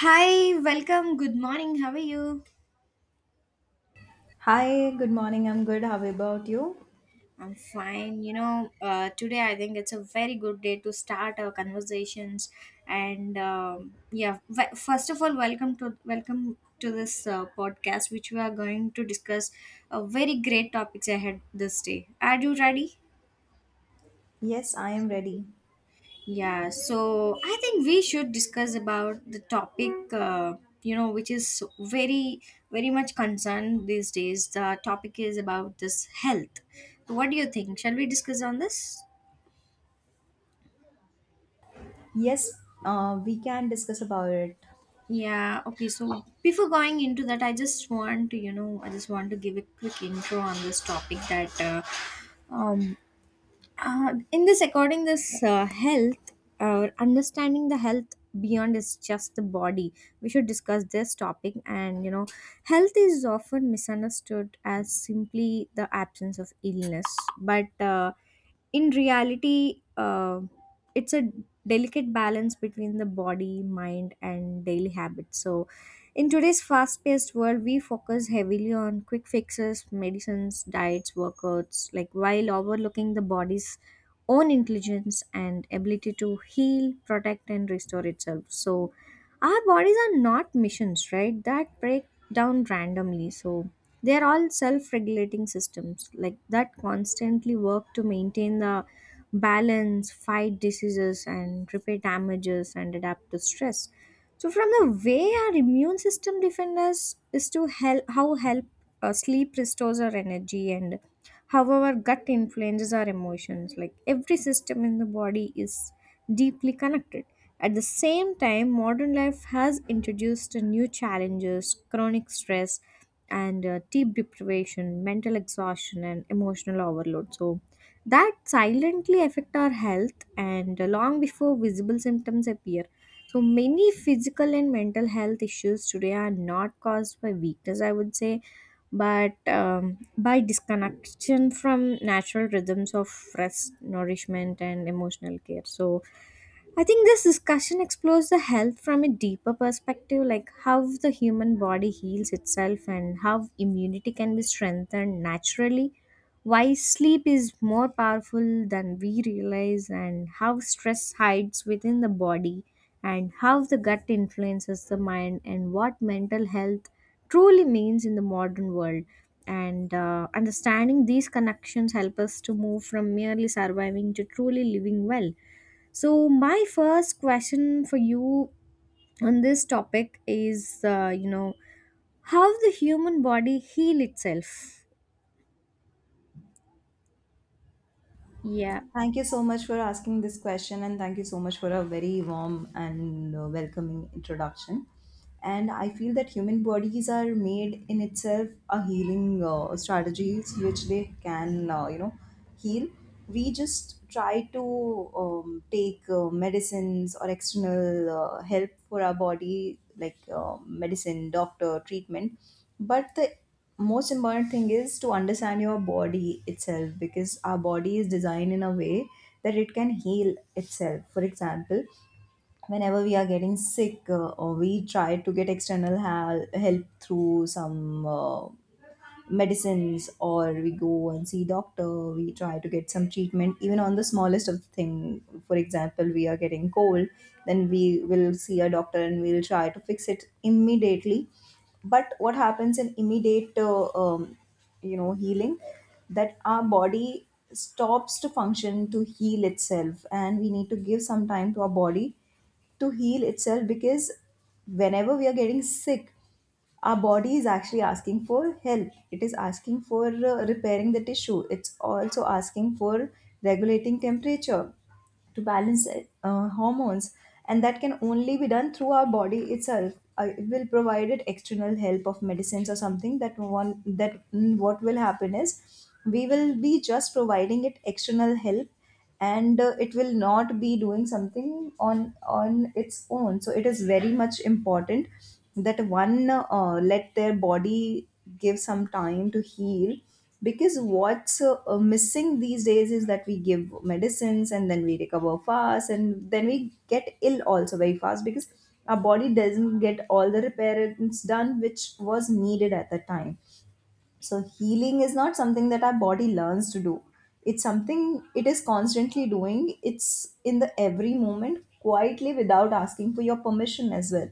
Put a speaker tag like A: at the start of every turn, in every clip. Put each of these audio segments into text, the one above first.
A: Hi, welcome. Good morning. How are you?
B: Hi, good morning. I'm good. How about you?
A: I'm fine. Today I think it's a very good day to start our conversations. First of all, welcome to this podcast, which we are going to discuss a very great topics ahead this day. Are you ready?
B: Yes, I am ready.
A: Yeah, so I think we should discuss about the topic, which is very much concerned these days. The topic is about this health. So what do you think? Shall we discuss on this?
B: Yes, we can discuss about it.
A: Yeah, okay. So before going into that, I just want to give a quick intro on this topic that um, in this according this health understanding the health beyond is just the body, we should discuss this topic. And you know, health is often misunderstood as simply the absence of illness, but in reality, it's a delicate balance between the body, mind and daily habits. So in today's fast paced world, we focus heavily on quick fixes, medicines, diets, workouts, like, while overlooking the body's own intelligence and ability to heal, protect, and restore itself. So, our bodies are not machines, right? That break down randomly. So, they are all self regulating systems, like, that constantly work to maintain the balance, fight diseases, and repair damages and adapt to stress. So from the way our immune system defends us is to help how help sleep restores our energy and how our gut influences our emotions. Like every system in the body is deeply connected. At the same time, modern life has introduced new challenges, chronic stress, and deep deprivation, mental exhaustion, and emotional overload. So that silently affect our health and long before visible symptoms appear, so many physical and mental health issues today are not caused by weakness, I would say, but by disconnection from natural rhythms of rest, nourishment, and emotional care. So I think this discussion explores the health from a deeper perspective, like how the human body heals itself and how immunity can be strengthened naturally, why sleep is more powerful than we realize, and how stress hides within the body, and how the gut influences the mind, and what mental health truly means in the modern world. And understanding these connections help us to move from merely surviving to truly living well. So, my first question for you on this topic is, how the human body heal itself. Yeah.
B: Thank you so much for asking this question, and thank you so much for a very warm and welcoming introduction. And I feel that human bodies are made in itself a healing strategies, which they can, heal. We just try to take medicines or external help for our body, like medicine, doctor, treatment, but the most important thing is to understand your body itself, because our body is designed in a way that it can heal itself. For example, whenever we are getting sick, or we try to get external help through some medicines, or we go and see doctor, we try to get some treatment even on the smallest of thing. For example, we are getting cold, then we will see a doctor and we'll try to fix it immediately. But what happens in immediate healing that our body stops to function to heal itself, and we need to give some time to our body to heal itself, because whenever we are getting sick, our body is actually asking for help. It is asking for repairing the tissue. It's also asking for regulating temperature, to balance hormones. And that can only be done through our body itself. I will provide it external help of medicines or something, that one that what will happen is we will be just providing it external help, and it will not be doing something on its own. So it is very much important that one let their body give some time to heal, because what's missing these days is that we give medicines and then we recover fast and then we get ill also very fast, because our body doesn't get all the repairs done which was needed at the time. So healing is not something that our body learns to do. It's something it is constantly doing. It's in the every moment quietly, without asking for your permission as well.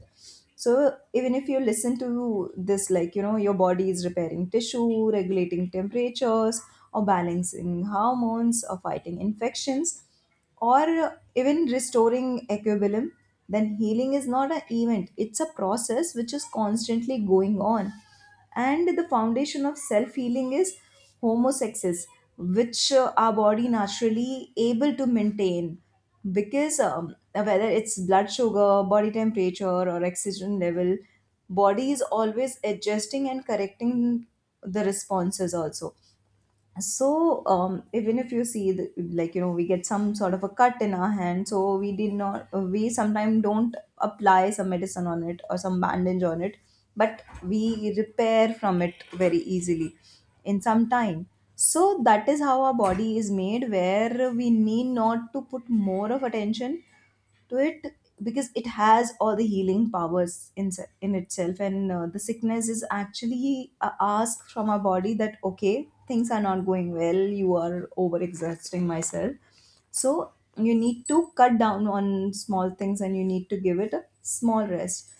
B: So even if you listen to this, like you know, your body is repairing tissue, regulating temperatures, or balancing hormones, or fighting infections, or even restoring equilibrium. Then healing is not an event, it's a process which is constantly going on. And the foundation of self healing is homosexes, which our body naturally able to maintain, because whether it's blood sugar, body temperature, or oxygen level, body is always adjusting and correcting the responses also. So even if you see the, like you know, we get some sort of a cut in our hand, so we did not we sometimes don't apply some medicine on it or some bandage on it, but we repair from it very easily in some time. So that is how our body is made, where we need not to put more of attention to it, because it has all the healing powers in in itself. And the sickness is actually a ask from our body that okay, things are not going well, you are over exerting myself. So you need to cut down on small things and you need to give it a small rest.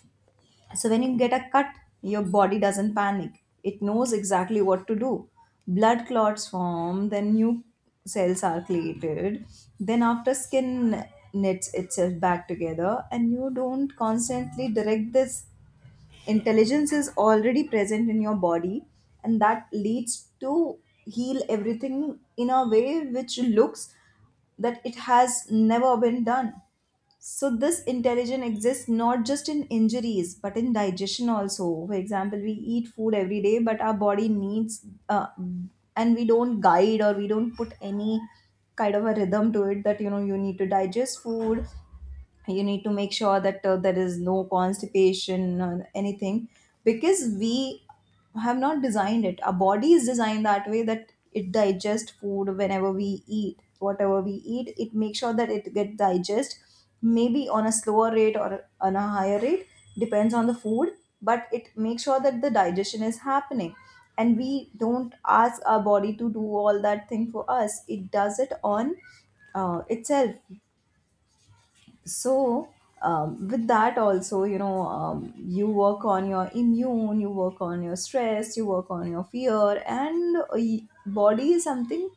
B: So when you get a cut, your body doesn't panic. It knows exactly what to do. Blood clots form, then new cells are created. Then after skin knits itself back together, and you don't constantly direct this. Intelligence is already present in your body, and that leads to heal everything in a way which looks that it has never been done. So this intelligence exists not just in injuries, but in digestion also. For example, we eat food every day, but our body needs, and we don't guide or we don't put any kind of a rhythm to it, that you know, you need to digest food, you need to make sure that there is no constipation or anything, because we have not designed it. Our body is designed that way, that it digests food whenever we eat, whatever we eat, it makes sure that it get digest, maybe on a slower rate or on a higher rate, depends on the food, but it makes sure that the digestion is happening. And we don't ask our body to do all that thing for us, it does it on itself. So with that also, you know, you work on your immune, you work on your stress, you work on your fear. And body is something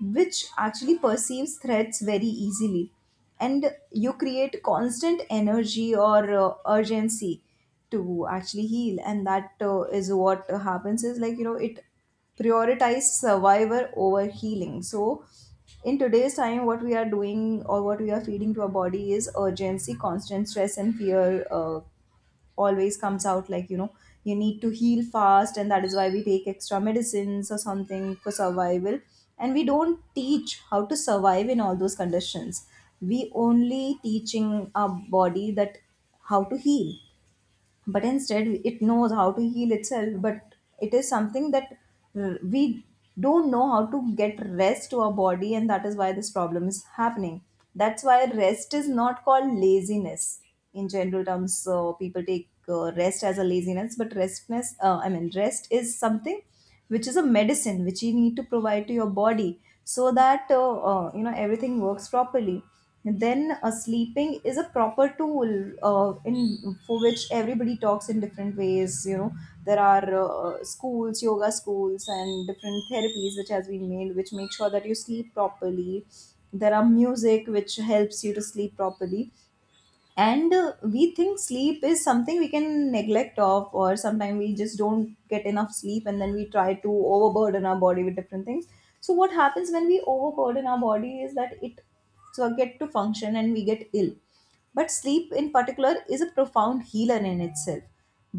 B: which actually perceives threats very easily, and you create constant energy or urgency to actually heal. And that is what happens, is like you know, it prioritizes survivor over healing. So in today's time, what we are doing or what we are feeding to our body is urgency, constant stress and fear, always comes out, like you know, you need to heal fast, and that is why we take extra medicines or something for survival. And we don't teach how to survive in all those conditions. We only teaching our body that how to heal, but instead it knows how to heal itself. But it is something that we don't know how to get rest to our body, and that is why this problem is happening. That's why rest is not called laziness in general terms. So people take rest as a laziness, but restness I mean rest is something which is a medicine, which you need to provide to your body, so that you know, everything works properly. Then sleeping is a proper tool, in for which everybody talks in different ways, you know. There are schools, yoga schools and different therapies which has been made, which make sure that you sleep properly. There are music which helps you to sleep properly. And we think sleep is something we can neglect of, or sometimes we just don't get enough sleep, and then we try to overburden our body with different things. So what happens when we overburden our body is that it forget to function and we get ill. But sleep in particular is a profound healer in itself.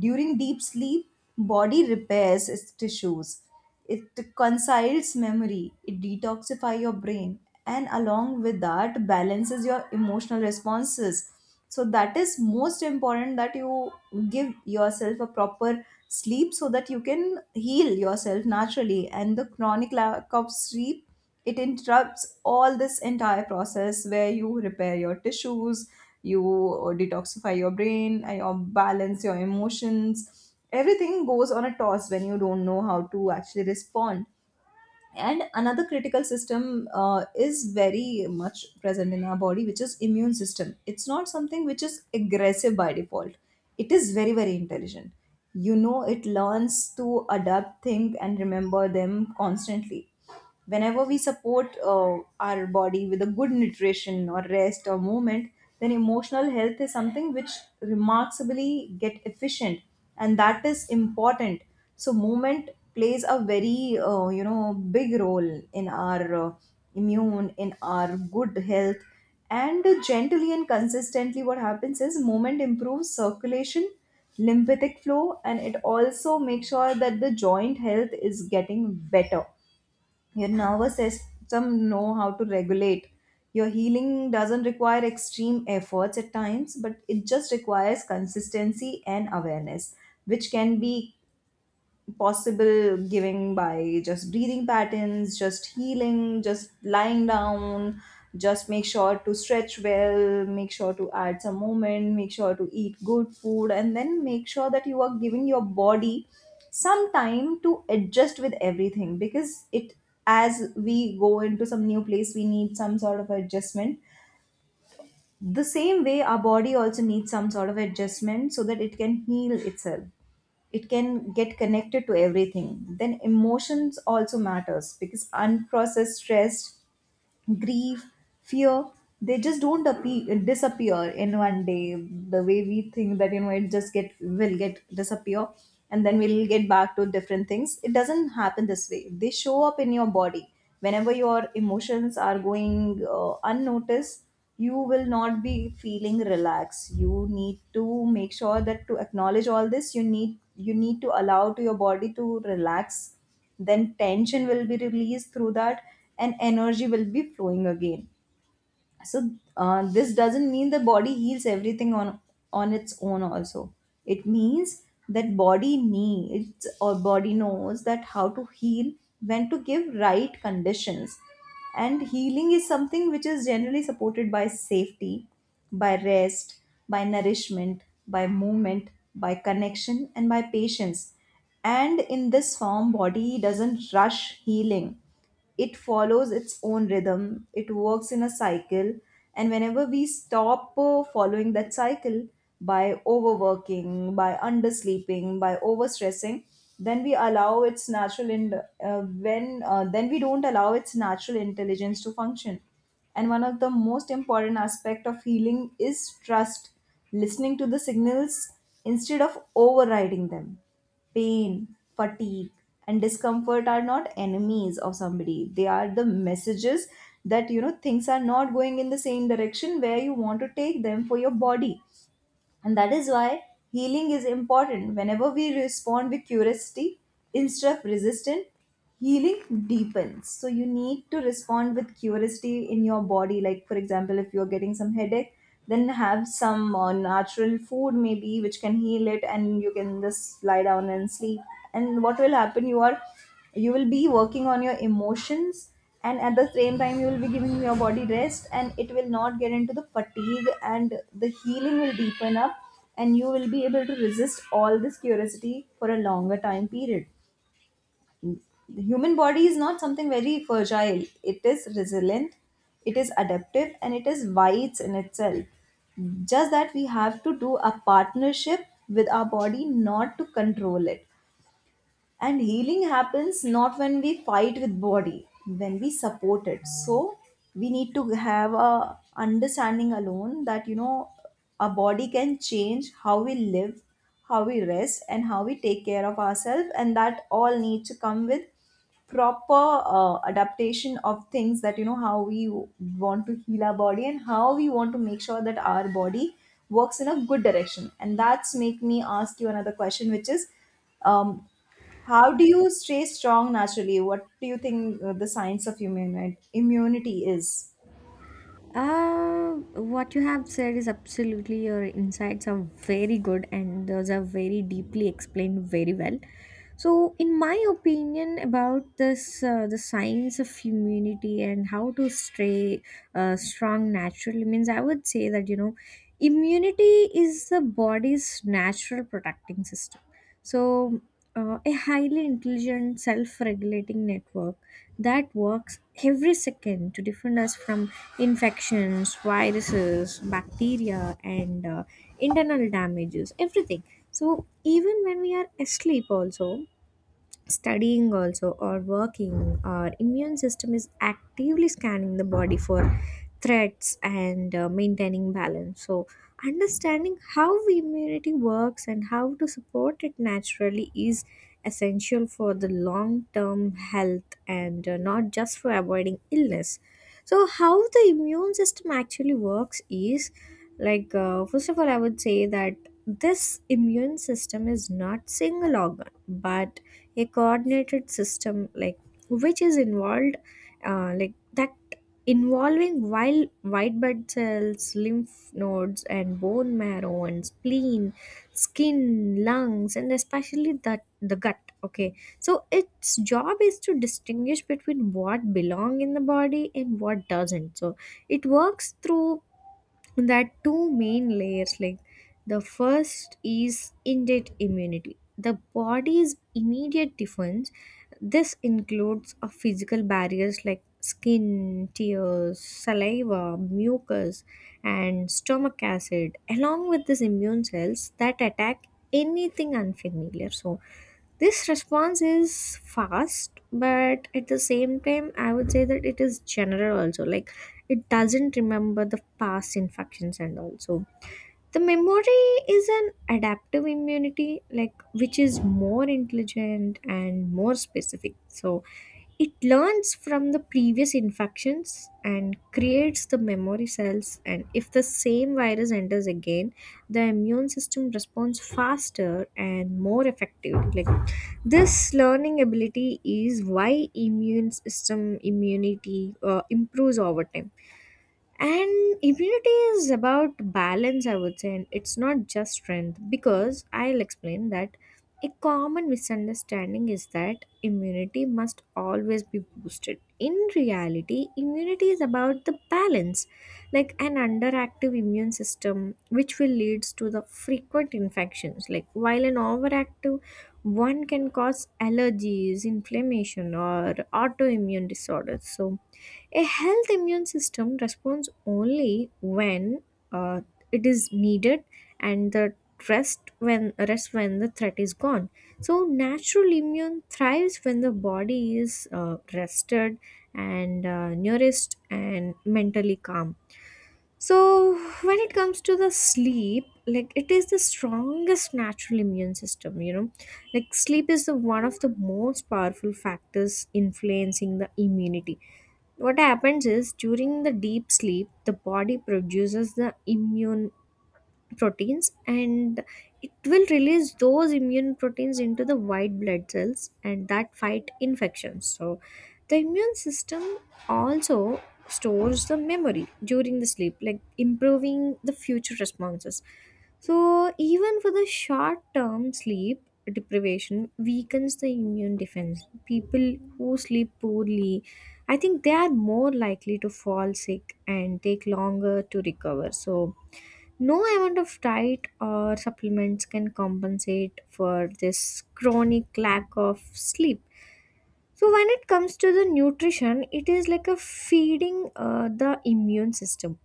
B: During deep sleep, body repairs its tissues, it conciles memory, it detoxifies your brain, and along with that, balances your emotional responses. So, that is most important, that you give yourself a proper sleep so that you can heal yourself naturally. And the chronic lack of sleep, it interrupts all this entire process, where you repair your tissues, you detoxify your brain, and you balance your emotions. Everything goes on a toss when you don't know how to actually respond. And another critical system is very much present in our body, which is immune system. It's not something which is aggressive by default, it is very very intelligent. You know, it learns to adapt, think and remember them constantly. Whenever we support our body with a good nutrition or rest or movement, then emotional health is something which remarkably get efficient, and that is important. So movement plays a very big role in our immune, in our good health. And gently and consistently, what happens is movement improves circulation, lymphatic flow, and it also makes sure that the joint health is getting better, your nervous system know how to regulate. Your healing doesn't require extreme efforts at times, but it just requires consistency and awareness, which can be possible giving by just breathing patterns, just healing, just lying down, just make sure to stretch well, make sure to add some movement, make sure to eat good food, and then make sure that you are giving your body some time to adjust with everything, because it, as we go into some new place, we need some sort of adjustment. The same way, our body also needs some sort of adjustment, so that it can heal itself, it can get connected to everything. Then emotions also matters, because unprocessed stress, grief, fear, they just don't appear, disappear in one day. The way we think that, you know, it just get will get disappear, and then we'll get back to different things. It doesn't happen this way. They show up in your body whenever your emotions are going unnoticed. You will not be feeling relaxed. You need to make sure that to acknowledge all this, you need to allow to your body to relax, then tension will be released through that and energy will be flowing again. So this doesn't mean the body heals everything on its own also. It means that body needs, or body knows that how to heal, when to give right conditions. And healing is something which is generally supported by safety, by rest, by nourishment, by movement, by connection, and by patience. And in this form body doesn't rush healing, it follows its own rhythm, it works in a cycle. And whenever we stop following that cycle by overworking, by undersleeping, by overstressing, then we allow its natural in uh, when then we don't allow its natural intelligence to function. And one of the most important aspect of healing is trust, listening to the signals instead of overriding them. Pain, fatigue, and discomfort are not enemies of somebody. They are the messages that, you know, things are not going in the same direction where you want to take them for your body. And that is why healing is important. Whenever we respond with curiosity instead of resistance, healing deepens. So you need to respond with curiosity in your body. Like, for example, if you're getting some headache, then have some natural food maybe which can heal it, and you can just lie down and sleep. And what will happen? You are you will be working on your emotions, and at the same time you will be giving your body rest, and it will not get into the fatigue and the healing will deepen up, and you will be able to resist all this curiosity for a longer time period. The human body is not something very fragile, it is resilient, it is adaptive, and it is wise in itself. Just that we have to do a partnership with our body, not to control it. And healing happens not when we fight with body, when we support it. So we need to have a understanding alone that, you know, our body can change how we live, how we rest, and how we take care of ourselves, and that all needs to come with proper adaptation of things, that you know how we want to heal our body and how we want to make sure that our body works in a good direction. And that's make me ask you another question, which is, um, how do you stay strong naturally? What do you think the science of immunity is?
A: Uh, what you have said is absolutely, your insights are very good and those are very deeply explained very well. So, in my opinion about this, the science of immunity and how to stay strong naturally, means I would say that you know, immunity is the body's natural protecting system. So, a highly intelligent self regulating network that works every second to defend us from infections, viruses, bacteria, and internal damages, everything. So, even when we are asleep, also, studying also or working, our immune system is actively scanning the body for threats and maintaining balance. So understanding how immunity works and how to support it naturally is essential for the long term health and not just for avoiding illness. So how the immune system actually works is like, first of all I would say that this immune system is not single organ, but a coordinated system, like, which is involved, like that, involving wild white blood cells, lymph nodes and bone marrow and spleen, skin, lungs and especially that the gut, okay? So its job is to distinguish between what belong in the body and what doesn't. So it works through that two main layers. Like, the first is innate immunity, the body's immediate defense. This includes a physical barriers like skin, tears, saliva, mucus and stomach acid, along with these immune cells that attack anything unfamiliar. So this response is fast, but at the same time, I would say that it is general also. Like, it doesn't remember the past infections, and also the memory is an adaptive immunity, like which is more intelligent and more specific. So it learns from the previous infections and creates the memory cells, and if the same virus enters again, the immune system responds faster and more effectively. Like, this learning ability is why immune system immunity improves over time. And immunity is about balance, I would say, and it's not just strength, because I'll explain that. A common misunderstanding is that immunity must always be boosted. In reality, immunity is about the balance, like an underactive immune system, which will leads to the frequent infections, like, while an overactive one can cause allergies, inflammation or autoimmune disorders. So a health immune system responds only when uh, it is needed, and the rest when the threat is gone. So natural immune thrives when the body is rested and nourished and mentally calm. So, when it comes to the sleep, like, it is the strongest natural immune system, you know. Like sleep is the one of the most powerful factors influencing the immunity. What happens is, during the deep sleep, the body produces the immune proteins, and it will release those immune proteins into the white blood cells, and that fight infections. So the immune system also stores the memory during the sleep, like improving the future responses. So even for the short term, sleep deprivation weakens the immune defense. People who sleep poorly, I think they are more likely to fall sick and take longer to recover. So no amount of diet or supplements can compensate for this chronic lack of sleep. So, when it comes to the nutrition, it is like a feeding the immune system.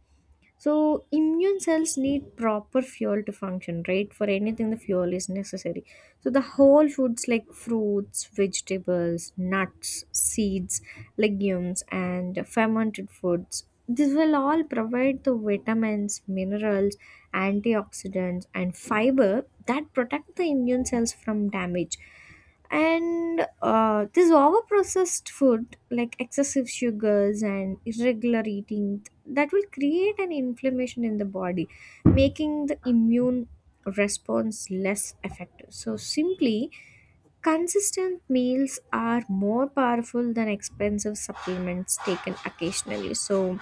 A: So immune cells need proper fuel to function right. For anything the fuel is necessary. So the whole foods like fruits, vegetables, nuts, seeds, legumes and fermented foods, this will all provide the vitamins, minerals, antioxidants and fiber that protect the immune cells from damage. And this overprocessed food like excessive sugars and irregular eating, that will create an inflammation in the body, making the immune response less effective. So simply, consistent meals are more powerful than expensive supplements taken occasionally. So,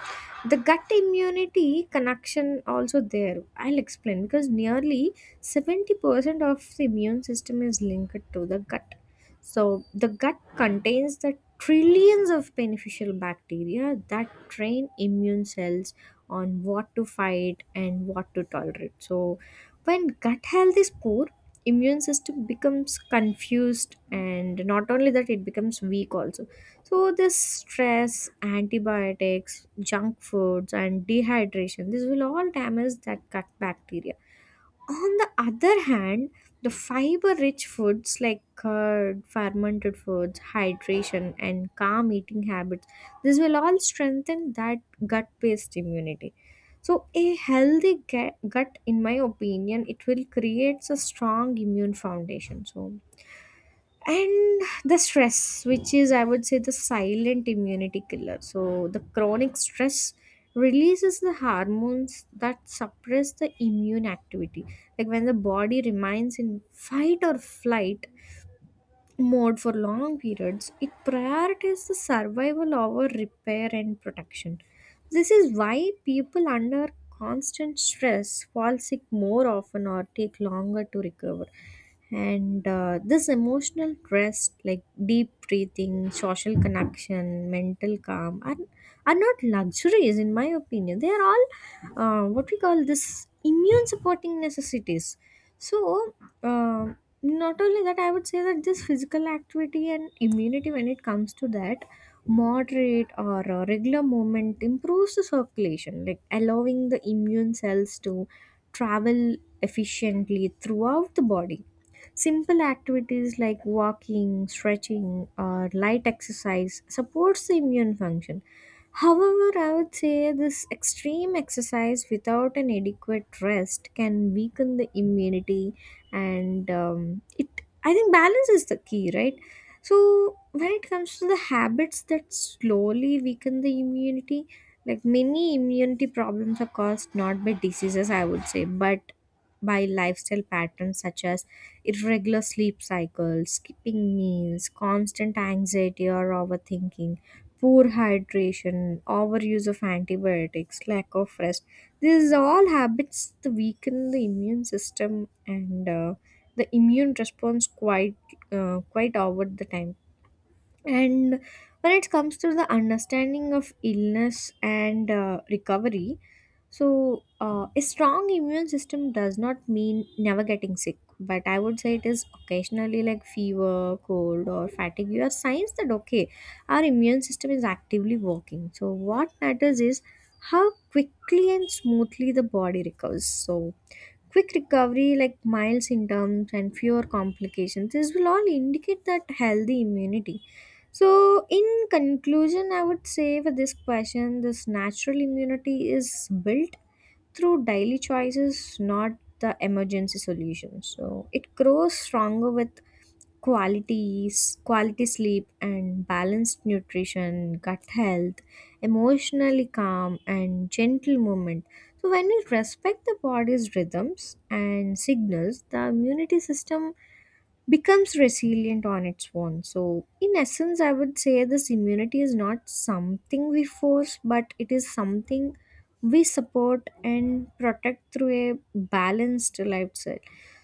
A: the gut immunity connection also there. I'll explain, because nearly 70% of the immune system is linked to the gut. So, the gut contains the trillions of beneficial bacteria that train immune cells on what to fight and what to tolerate. So, when gut health is poor, immune system becomes confused, and not only that, it becomes weak also. So this stress, antibiotics, junk foods and dehydration, this will all damage that gut bacteria. On the other hand, the fiber rich foods like curd, fermented foods, hydration and calm eating habits, this will all strengthen that gut based immunity. So a healthy gut, in my opinion, it will creates a strong immune foundation. So, and the stress, which is I would say the silent immunity killer. So the chronic stress releases the hormones that suppress the immune activity, like when the body remains in fight or flight mode for long periods, it prioritizes the survival over repair and protection. This is why people under constant stress fall sick more often or take longer to recover. And this emotional rest, like deep breathing, social connection, mental calm, are not luxuries in my opinion. They are all what we call this immune supporting necessities. So, um, not only that, I would say that this physical activity and immunity, when it comes to that, moderate or regular movement improves the circulation, like allowing the immune cells to travel efficiently throughout the body. Simple activities like walking, stretching or light exercise supports the immune function. However, I would say this extreme exercise without an adequate rest can weaken the immunity. And it, I think balance is the key, right? So when it comes to the habits that slowly weaken the immunity, like many immunity problems are caused not by diseases, I would say, but by lifestyle patterns such as irregular sleep cycles, skipping meals, constant anxiety or overthinking, poor hydration, overuse of antibiotics, lack of rest, these are all habits that weaken the immune system and the immune response quite over the time. And when it comes to the understanding of illness and recovery, so a strong immune system does not mean never getting sick, but I would say it is occasionally, like fever, cold or fatigue are signs that okay, our immune system is actively working. So what matters is how quickly and smoothly the body recovers. So quick recovery, like mild symptoms and fewer complications, this will all indicate that healthy immunity. So, in conclusion, I would say for this question, this natural immunity is built through daily choices, not the emergency solutions. So, it grows stronger with qualities quality sleep and balanced nutrition, gut health, emotionally calm and gentle movement. So when we respect the body's rhythms and signals, the immunity system becomes resilient on its own. So, in essence, I would say this immunity is not something we force, but it is something we support and protect through a balanced lifestyle.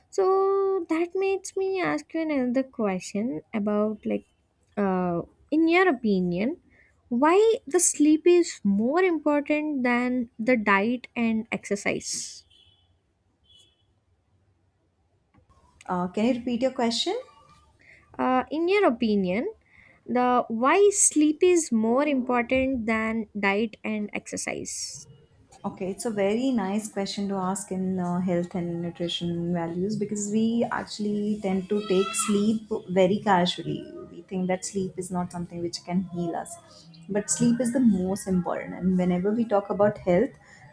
A: So, that makes me ask you another question about, like, uh, in your opinion, why the sleep is more important than the diet and exercise?
B: Can you repeat your question?
A: In your opinion, the why sleep is more important than diet and exercise.
B: Okay, it's a very nice question to ask in health and nutrition values, because we actually tend to take sleep very casually. We think that sleep is not something which can heal us, but sleep is the most important. And whenever we talk about health,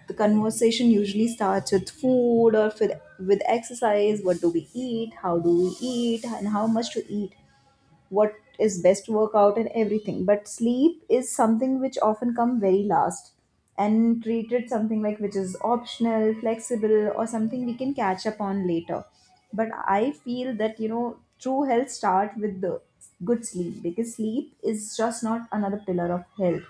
B: the conversation usually starts with food or with exercise. What do we eat? How do we eat? And how much to eat? What is best workout and everything, but sleep is something which often come very last and treated something like which is optional, flexible, or something we can catch up on later. But I feel that, you know, true health start with the good sleep, because sleep is just not another pillar of health,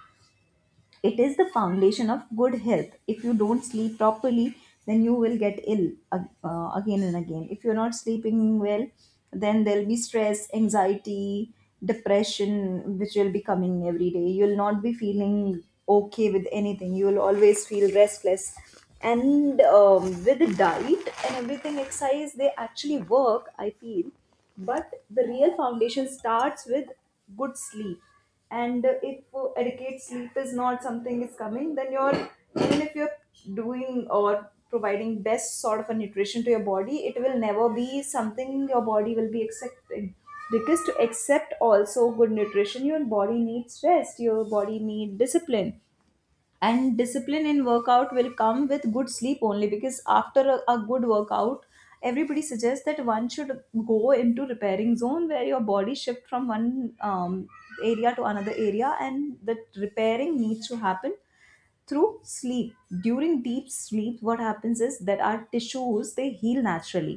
B: it is the foundation of good health. If you don't sleep properly, then you will get ill again and again. If you're not sleeping well, then there'll be stress, anxiety, depression, which will be coming every day. You'll not be feeling okay with anything. You will always feel restless. And with the diet and everything, exercise, they actually work, I feel. But the real foundation starts with good sleep. And if adequate sleep is not something is coming, then you're even if you're doing or providing best sort of a nutrition to your body, it will never be something your body will be accepting, because to accept also good nutrition your body needs rest, your body need discipline. And discipline in workout will come with good sleep only, because after a good workout everybody suggests that one should go into repairing zone, where your body shift from one area to another area, and the repairing needs to happen through sleep. During deep sleep what happens is that our tissues they heal naturally,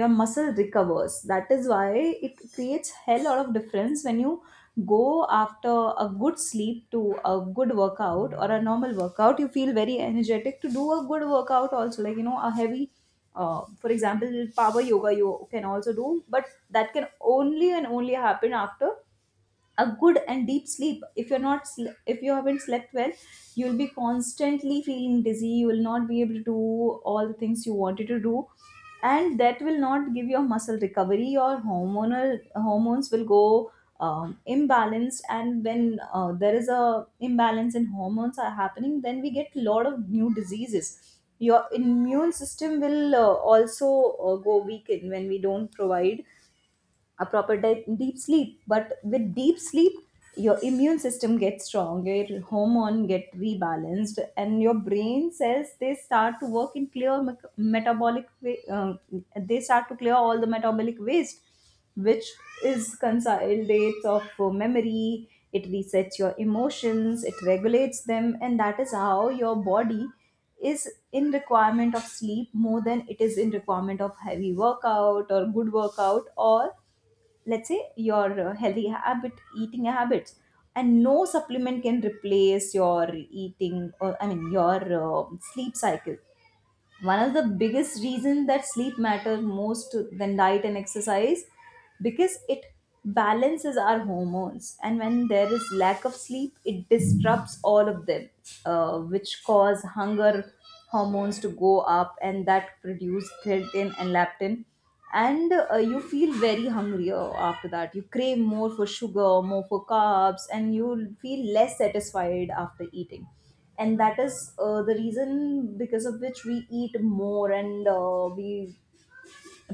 B: your muscle recovers. That is why it creates hell lot of difference when you go after a good sleep to a good workout or a normal workout. You feel very energetic to do a good workout also, like, you know, a heavy, for example, power yoga you can also do, but that can only and only happen after a good and deep sleep. If you haven't slept well, you'll be constantly feeling dizzy, you will not be able to do all the things you wanted to do, and that will not give your muscle recovery, your hormonal hormones will go imbalanced. And when there is a imbalance in hormones are happening, then we get a lot of new diseases. Your immune system will also go weakened when we don't provide a proper deep sleep. But with deep sleep your immune system gets strong, your hormone get rebalanced, and your brain cells they start to work in clear metabolic way. They start to clear all the metabolic waste which is consolidates of memory, it resets your emotions, it regulates them. And that is how your body is in requirement of sleep more than it is in requirement of heavy workout or good workout, or let's say your healthy habit, eating habits. And no supplement can replace your eating, or I mean your sleep cycle. One of the biggest reasons that sleep matter most than diet and exercise, because it balances our hormones, and when there is lack of sleep it disrupts all of them, which cause hunger hormones to go up, and that produce ghrelin and leptin. And you feel very hungrier after that, you crave more for sugar, more for carbs, and you feel less satisfied after eating. And that is the reason because of which we eat more. And we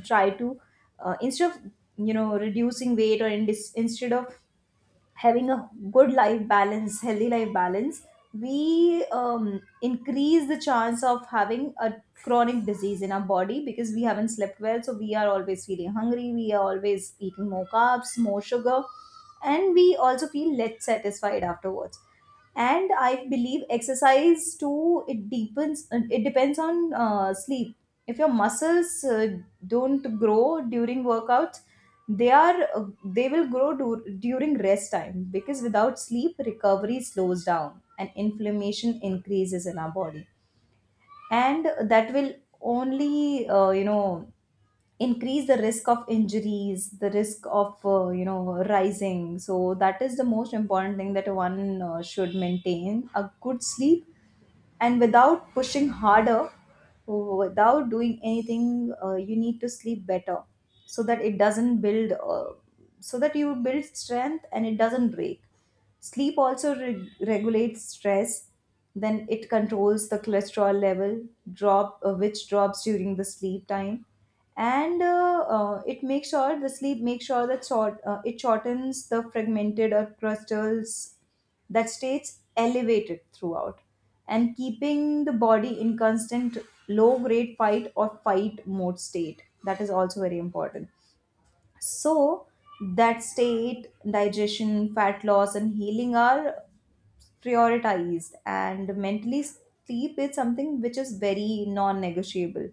B: try to instead of, you know, reducing weight, or in instead of having a good life balance, healthy life balance, we increase the chance of having a chronic disease in our body, because we haven't slept well, so we are always feeling hungry, we are always eating more carbs, more sugar, and we also feel less satisfied afterwards. And I believe exercise too, it deepens, it depends on sleep. If your muscles don't grow during workouts, they are they will grow during rest time, because without sleep recovery slows down and inflammation increases in our body. And that will only, you know, increase the risk of injuries, the risk of, you know, rising. So that is the most important thing, that one should maintain a good sleep. And without pushing harder, without doing anything, you need to sleep better, so that it doesn't build so that you build strength and it doesn't break. Sleep also regulates stress, then it controls the cholesterol level drop, which drops during the sleep time. And it makes sure, the sleep makes sure that it shortens the fragmented or crystals that stays elevated throughout, and keeping the body in constant low grade fight or fight mode state. That is also very important. So that state digestion, fat loss, and healing are prioritized. And mentally sleep is something which is very non-negotiable,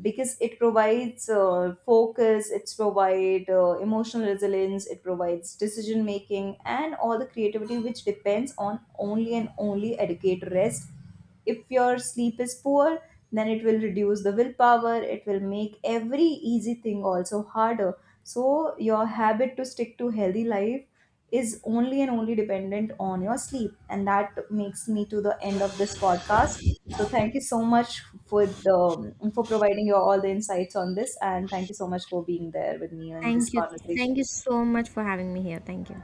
B: because it provides focus, it's provide emotional resilience, it provides decision making, and all the creativity which depends on only and only adequate rest. If your sleep is poor, then it will reduce the willpower, it will make every easy thing also harder. So your habit to stick to healthy life is only and only dependent on your sleep. And that makes me to the end of this podcast. So thank you so much for the for providing your all the insights on this, and thank you so much for being there with me in this
A: Thank you. Thank
B: conversation.
A: you so much for having me here. Thank you.